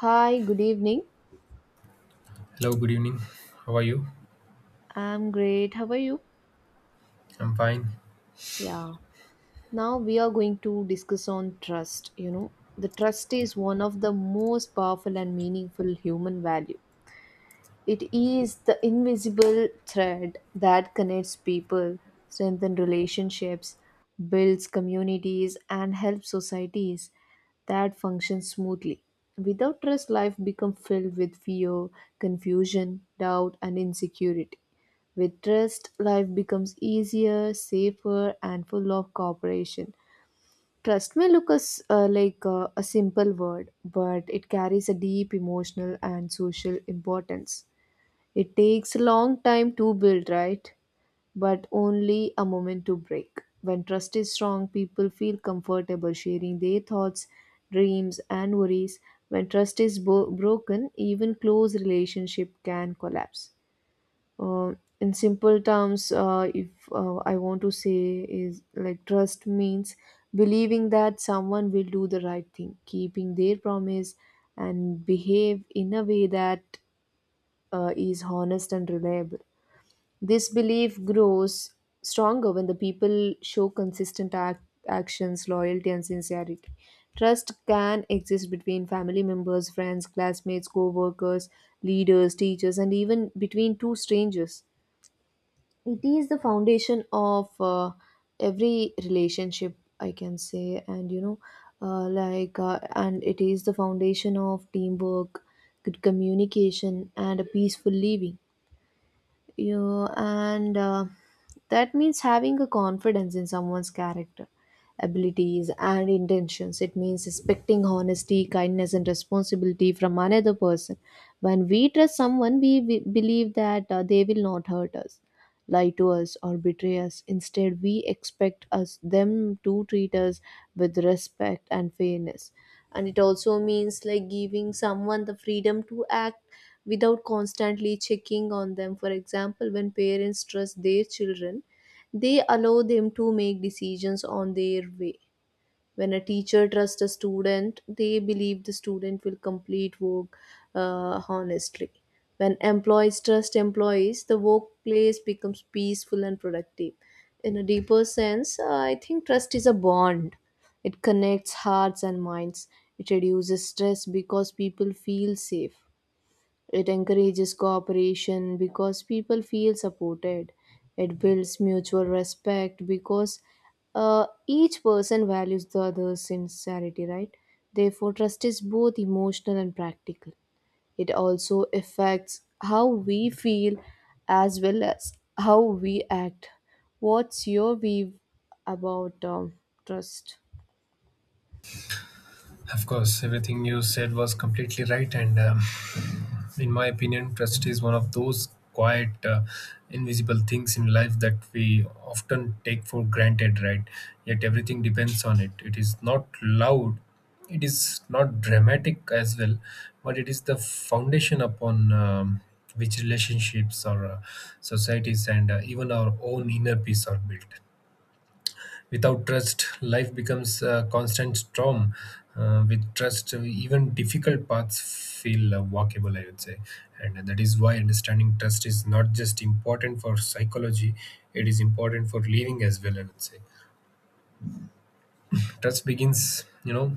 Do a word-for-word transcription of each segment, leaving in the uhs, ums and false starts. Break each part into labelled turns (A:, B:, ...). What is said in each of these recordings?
A: Hi, good evening.
B: Hello, good evening. How are you?
A: I'm great. How are you?
B: I'm fine.
A: Yeah. Now we are going to discuss on trust, you know. The trust is one of the most powerful and meaningful human value. It is the invisible thread that connects people, strengthens relationships, builds communities and helps societies that function smoothly. Without trust, life becomes filled with fear, confusion, doubt and insecurity. With trust, life becomes easier, safer, and full of cooperation. Trust may look as uh, like uh, a simple word, but it carries a deep emotional and social importance. It takes a long time to build, right? But only a moment to break. When trust is strong, people feel comfortable sharing their thoughts, dreams, and worries. When trust is bo- broken, even close relationship can collapse. Uh, in simple terms, uh, if uh, I want to say, is like trust means believing that someone will do the right thing, keeping their promise, and behave in a way that uh, is honest and reliable. This belief grows stronger when the people show consistent act- actions, loyalty, and sincerity. Trust can exist between family members, friends, classmates, co workers, leaders, teachers, and even between two strangers. It is the foundation of uh, every relationship I can say, and you know uh, like uh, and it is the foundation of teamwork, good communication and a peaceful living. You and uh, That means having a confidence in someone's character, abilities and intentions. It means expecting honesty, kindness and responsibility from another person. When we trust someone, we, we believe that uh, they will not hurt us, lie to us or betray us. Instead we expect us them to treat us with respect and fairness, and it also means like giving someone the freedom to act without constantly checking on them. For example, when parents trust their children, they allow them to make decisions on their way. When a teacher trusts a student, they believe the student will complete work uh, honestly. When employees trust employees, the workplace becomes peaceful and productive. In a deeper sense, uh, I think trust is a bond. It connects hearts and minds. It reduces stress because people feel safe. It encourages cooperation because people feel supported. It builds mutual respect because uh, each person values the other's sincerity, right? Therefore, trust is both emotional and practical. It also affects how we feel as well as how we act. What's your view about um, trust?
B: Of course, everything you said was completely right, and um, in my opinion, trust is one of those quiet, uh, invisible things in life that we often take for granted, right? Yet everything depends on it. It is not loud, it is not dramatic as well, but it is the foundation upon um, which relationships or uh, societies and uh, even our own inner peace are built. Without trust, life becomes a constant storm. Uh, with trust, uh, even difficult paths feel uh, walkable, I would say. And that is why understanding trust is not just important for psychology, it is important for living as well, I would say. Trust begins, you know,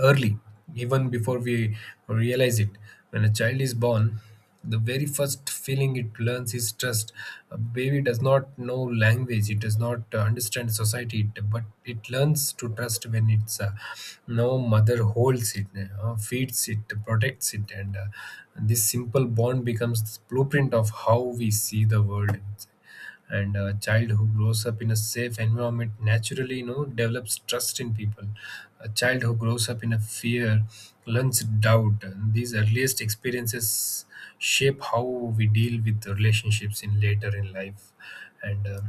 B: early, even before we realize it. When a child is born, the very first feeling it learns is trust. A baby does not know language, it does not uh, understand society, it- but it learns to trust when its uh, no mother holds it, uh, feeds it, protects it, and uh, this simple bond becomes the blueprint of how we see the world, and a child who grows up in a safe environment naturally, you know, develops trust in people. A child who grows up in a fear learns doubt, and these earliest experiences shape how we deal with the relationships in later in life. And uh,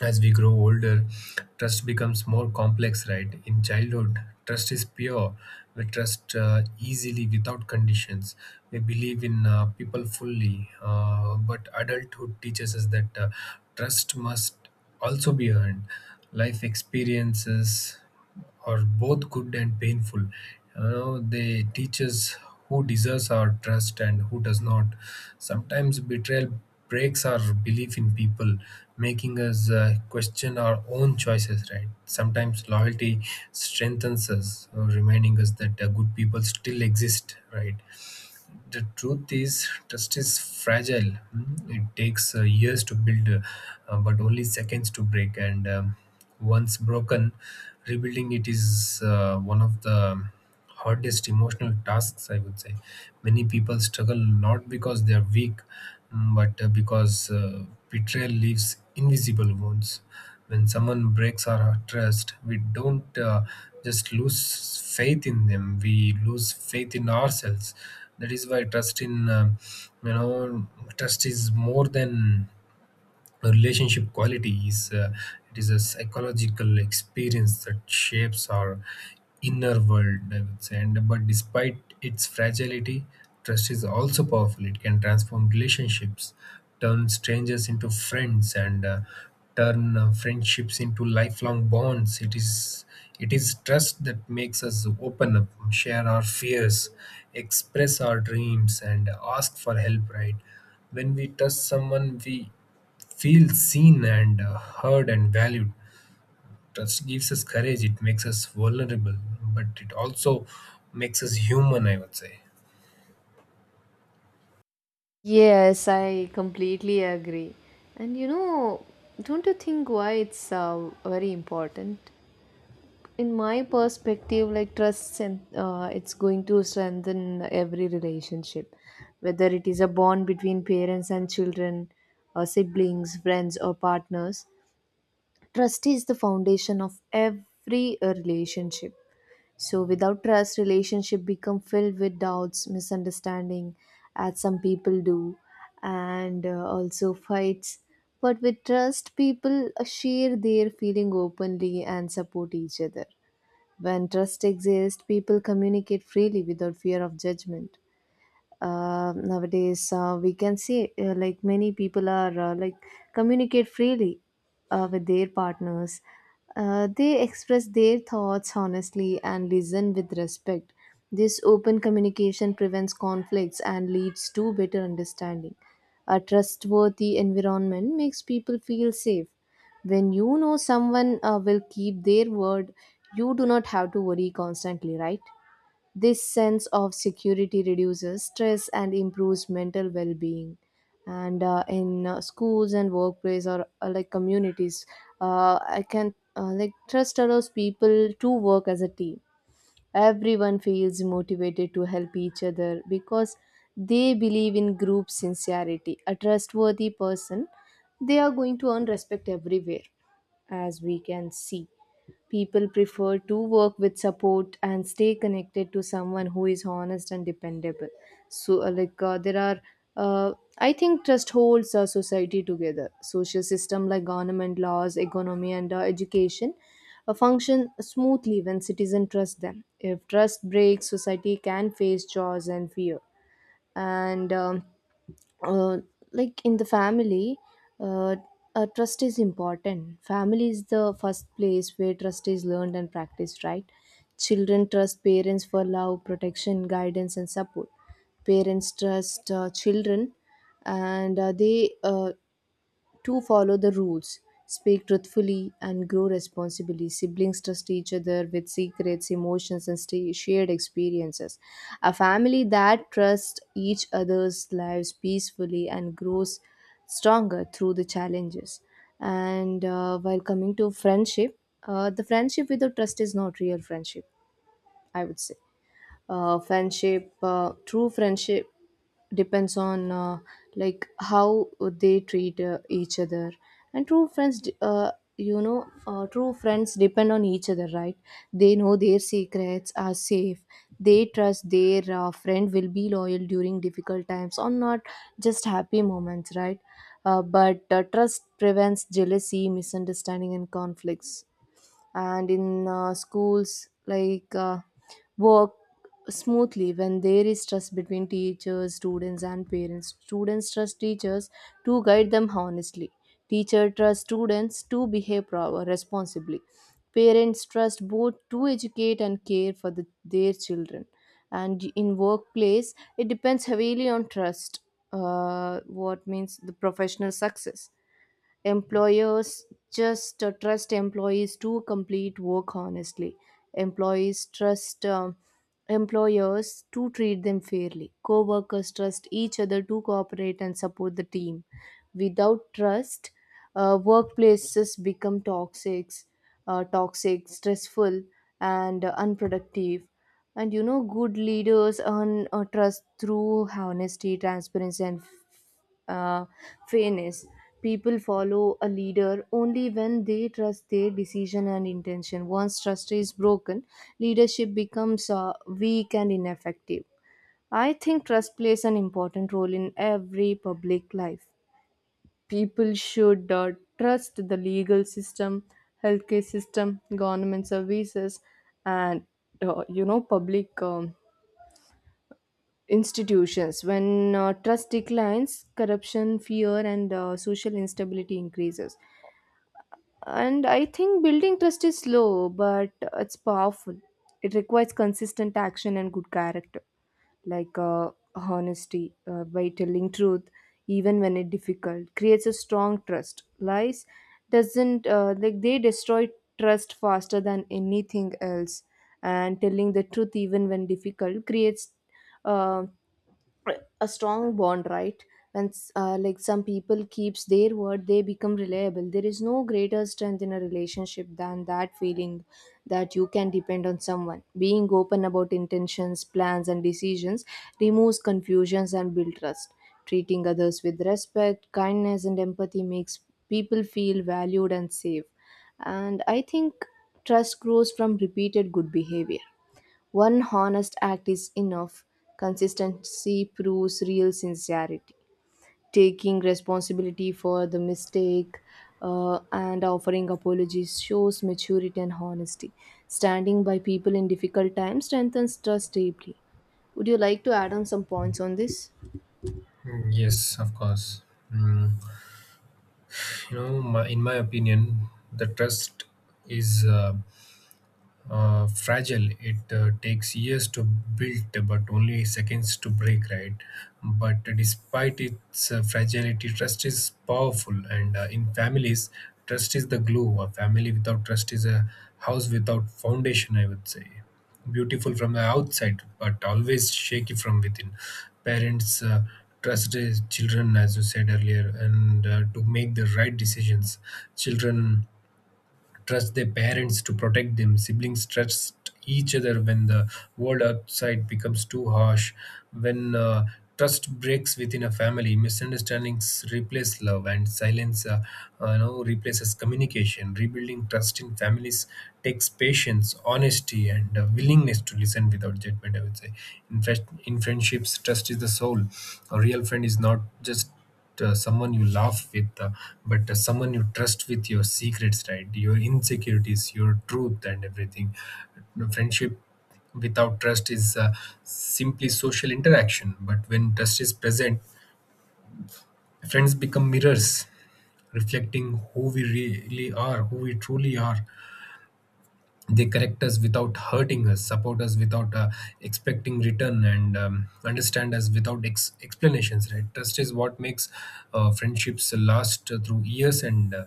B: as we grow older, trust becomes more complex. Right, in childhood trust is pure. We trust uh, easily without conditions. We believe in uh, people fully, uh, but adulthood teaches us that uh, trust must also be earned. Life experiences are both good and painful. You know, they teach us who deserves our trust and who does not. Sometimes betrayal breaks our belief in people, making us uh, question our own choices, right? Sometimes loyalty strengthens us, uh, reminding us that uh, good people still exist, right? The truth is trust is fragile mm. It takes uh, years to build uh, uh, but only seconds to break, and um, once broken, rebuilding it is, uh, one of the hardest emotional tasks, I would say. Many people struggle not because they are weak, Mm, but uh, because uh, betrayal leaves invisible wounds. When someone breaks our trust, we don't uh, just lose faith in them; we lose faith in ourselves. That is why trust in uh, you know trust is more than a relationship quality. Is uh, It is a psychological experience that shapes our inner world, I would say. And but despite its fragility, trust is also powerful. It can transform relationships, turn strangers into friends, and uh, turn uh, friendships into lifelong bonds. It is it is trust that makes us open up, share our fears, express our dreams, and ask for help, right? When we trust someone, we feel seen and uh, heard and valued. Trust gives us courage, it makes us vulnerable, but it also makes us human, I would say.
A: Yes, I completely agree. And you know, don't you think why it's uh, very important? In my perspective, like trust, and uh, it's going to strengthen every relationship, whether it is a bond between parents and children, or siblings, friends, or partners. Trust is the foundation of every uh, relationship. So without trust, relationship become filled with doubts, misunderstanding, as some people do, and uh, also fights. But with trust, people uh, share their feeling openly and support each other. When trust exists, people communicate freely without fear of judgment. Uh, nowadays uh, we can see, uh, like many people are, uh, like communicate freely uh, with their partners. Uh, they express their thoughts honestly and listen with respect. This open communication prevents conflicts and leads to better understanding. A trustworthy environment makes people feel safe. When you know someone uh, will keep their word, you do not have to worry constantly, right? This sense of security reduces stress and improves mental well being. And uh, in uh, schools and workplace or uh, like communities, uh, I can uh, like trust allows people to work as a team. Everyone feels motivated to help each other because they believe in group sincerity. A trustworthy person, they are going to earn respect everywhere, as we can see. People prefer to work with support and stay connected to someone who is honest and dependable. So, uh, like, uh, there are, uh, I think trust holds our society together. Social system like government, laws, economy, and uh, education uh, function smoothly when citizens trust them. If trust breaks, society can face chaos and fear. And um, uh, like in the family, uh, uh, trust is important. Family is the first place where trust is learned and practiced, right? Children trust parents for love, protection, guidance and support. Parents trust uh, children, and uh, they uh, to follow the rules, speak truthfully, and grow responsibly. Siblings trust each other with secrets, emotions, and sta- shared experiences. A family that trusts each other's lives peacefully and grows stronger through the challenges. And uh, while coming to friendship, uh, the friendship without trust is not real friendship, I would say. Uh, friendship uh, True friendship depends on, uh, like how they treat uh, each other. And true friends d- uh, you know uh, True friends depend on each other, right? They know their secrets are safe. They trust their uh, friend will be loyal during difficult times, or not just happy moments, right? uh, but uh, Trust prevents jealousy, misunderstanding and conflicts. And in uh, schools, like uh, work smoothly when there is trust between teachers, students and parents. Students trust teachers to guide them honestly. Teacher trust students to behave pro- responsibly. Parents trust both to educate and care for the, their children. And in workplace it depends heavily on trust, uh, what means the professional success. Employers just uh, trust employees to complete work honestly. Employees trust um, employers to treat them fairly. Co-workers trust each other to cooperate and support the team. Without trust, uh, workplaces become toxic, uh, toxic, stressful, and uh, unproductive. And you know, good leaders earn uh, trust through honesty, transparency, and uh, fairness. People follow a leader only when they trust their decision and intention. Once trust is broken, leadership becomes uh, weak and ineffective. I think trust plays an important role in every public life. People should uh, trust the legal system, healthcare system, government services, and uh, you know public um, institutions. When uh, trust declines, corruption, fear, and uh, social instability increases. And I think building trust is slow, but it's powerful. It requires consistent action and good character, like uh, honesty uh, by telling truth, even when it's difficult, creates a strong trust. Lies doesn't uh, like they destroy trust faster than anything else. And telling the truth, even when difficult, creates um a strong bond, right? When s- uh, like some people keeps their word, they become reliable. There is no greater strength in a relationship than that feeling that you can depend on someone. Being open about intentions, plans and decisions removes confusions and build trust. Treating others with respect, kindness and empathy makes people feel valued and safe. And I think trust grows from repeated good behavior. One honest act is enough. Consistency proves real sincerity. Taking responsibility for the mistake uh, and offering apologies shows maturity and honesty. Standing by people in difficult times strengthens trust deeply. Would you like to add on some points on this?
B: Mm, Yes, of course. Mm, You know, my, in my opinion, the trust is uh, uh, fragile. It uh, takes years to build, but only seconds to break, right? But despite its uh, fragility, trust is powerful. And uh, in families, trust is the glue. A family without trust is a house without foundation, I would say. Beautiful from the outside, but always shaky from within. Parents uh, trust their children, as you said earlier, and uh, to make the right decisions. Children trust their parents to protect them. Siblings trust each other when the world outside becomes too harsh. When uh, trust breaks within a family, misunderstandings replace love, and silence, uh, uh, you know, replaces communication. Rebuilding trust in families takes patience, honesty, and uh, willingness to listen without judgment, I would say. In fact, in friendships, trust is the soul. A real friend is not just, uh, someone you laugh with, uh, but uh, someone you trust with your secrets, right? Your insecurities, your truth, and everything. No, friendship without trust is, uh, simply social interaction, but when trust is present, friends become mirrors reflecting who we really are, who we truly are. They correct us without hurting us, support us without uh, expecting return, and um, understand us without ex- explanations. Right? Trust is what makes uh, friendships last uh, through years and uh,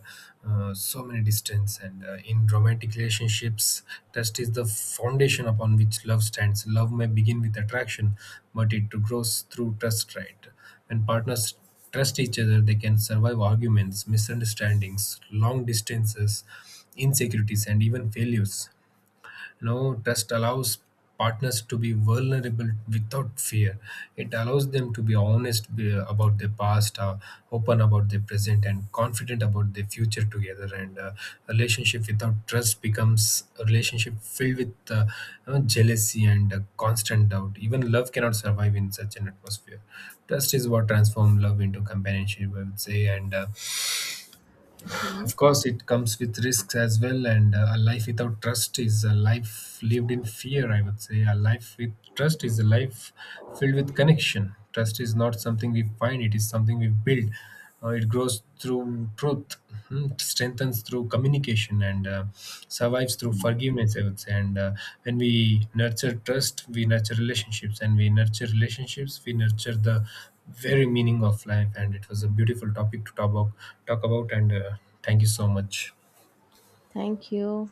B: uh, so many distance. And uh, in romantic relationships, trust is the foundation upon which love stands. Love may begin with attraction, but it grows through trust. Right? When partners trust each other, they can survive arguments, misunderstandings, long distances, insecurities, and even failures. You know, trust allows partners to be vulnerable without fear. It allows them to be honest uh, about their past uh, open about their present, and confident about their future together. And uh, relationship without trust becomes a relationship filled with, uh, you know, jealousy and uh, constant doubt. Even love cannot survive in such an atmosphere. Trust is what transforms love into companionship, I would say. And uh, of course, it comes with risks as well, and uh, a life without trust is a life lived in fear, I would say. A life with trust is a life filled with connection. Trust is not something we find, it is something we build. Uh, it grows through truth, mhm, strengthens through communication, and uh, survives through forgiveness, I would say. And uh, when we nurture trust, we nurture relationships, and we nurture relationships, we nurture the very meaning of life. And it was a beautiful topic to talk about talk about and uh, thank you so much.
A: Thank you.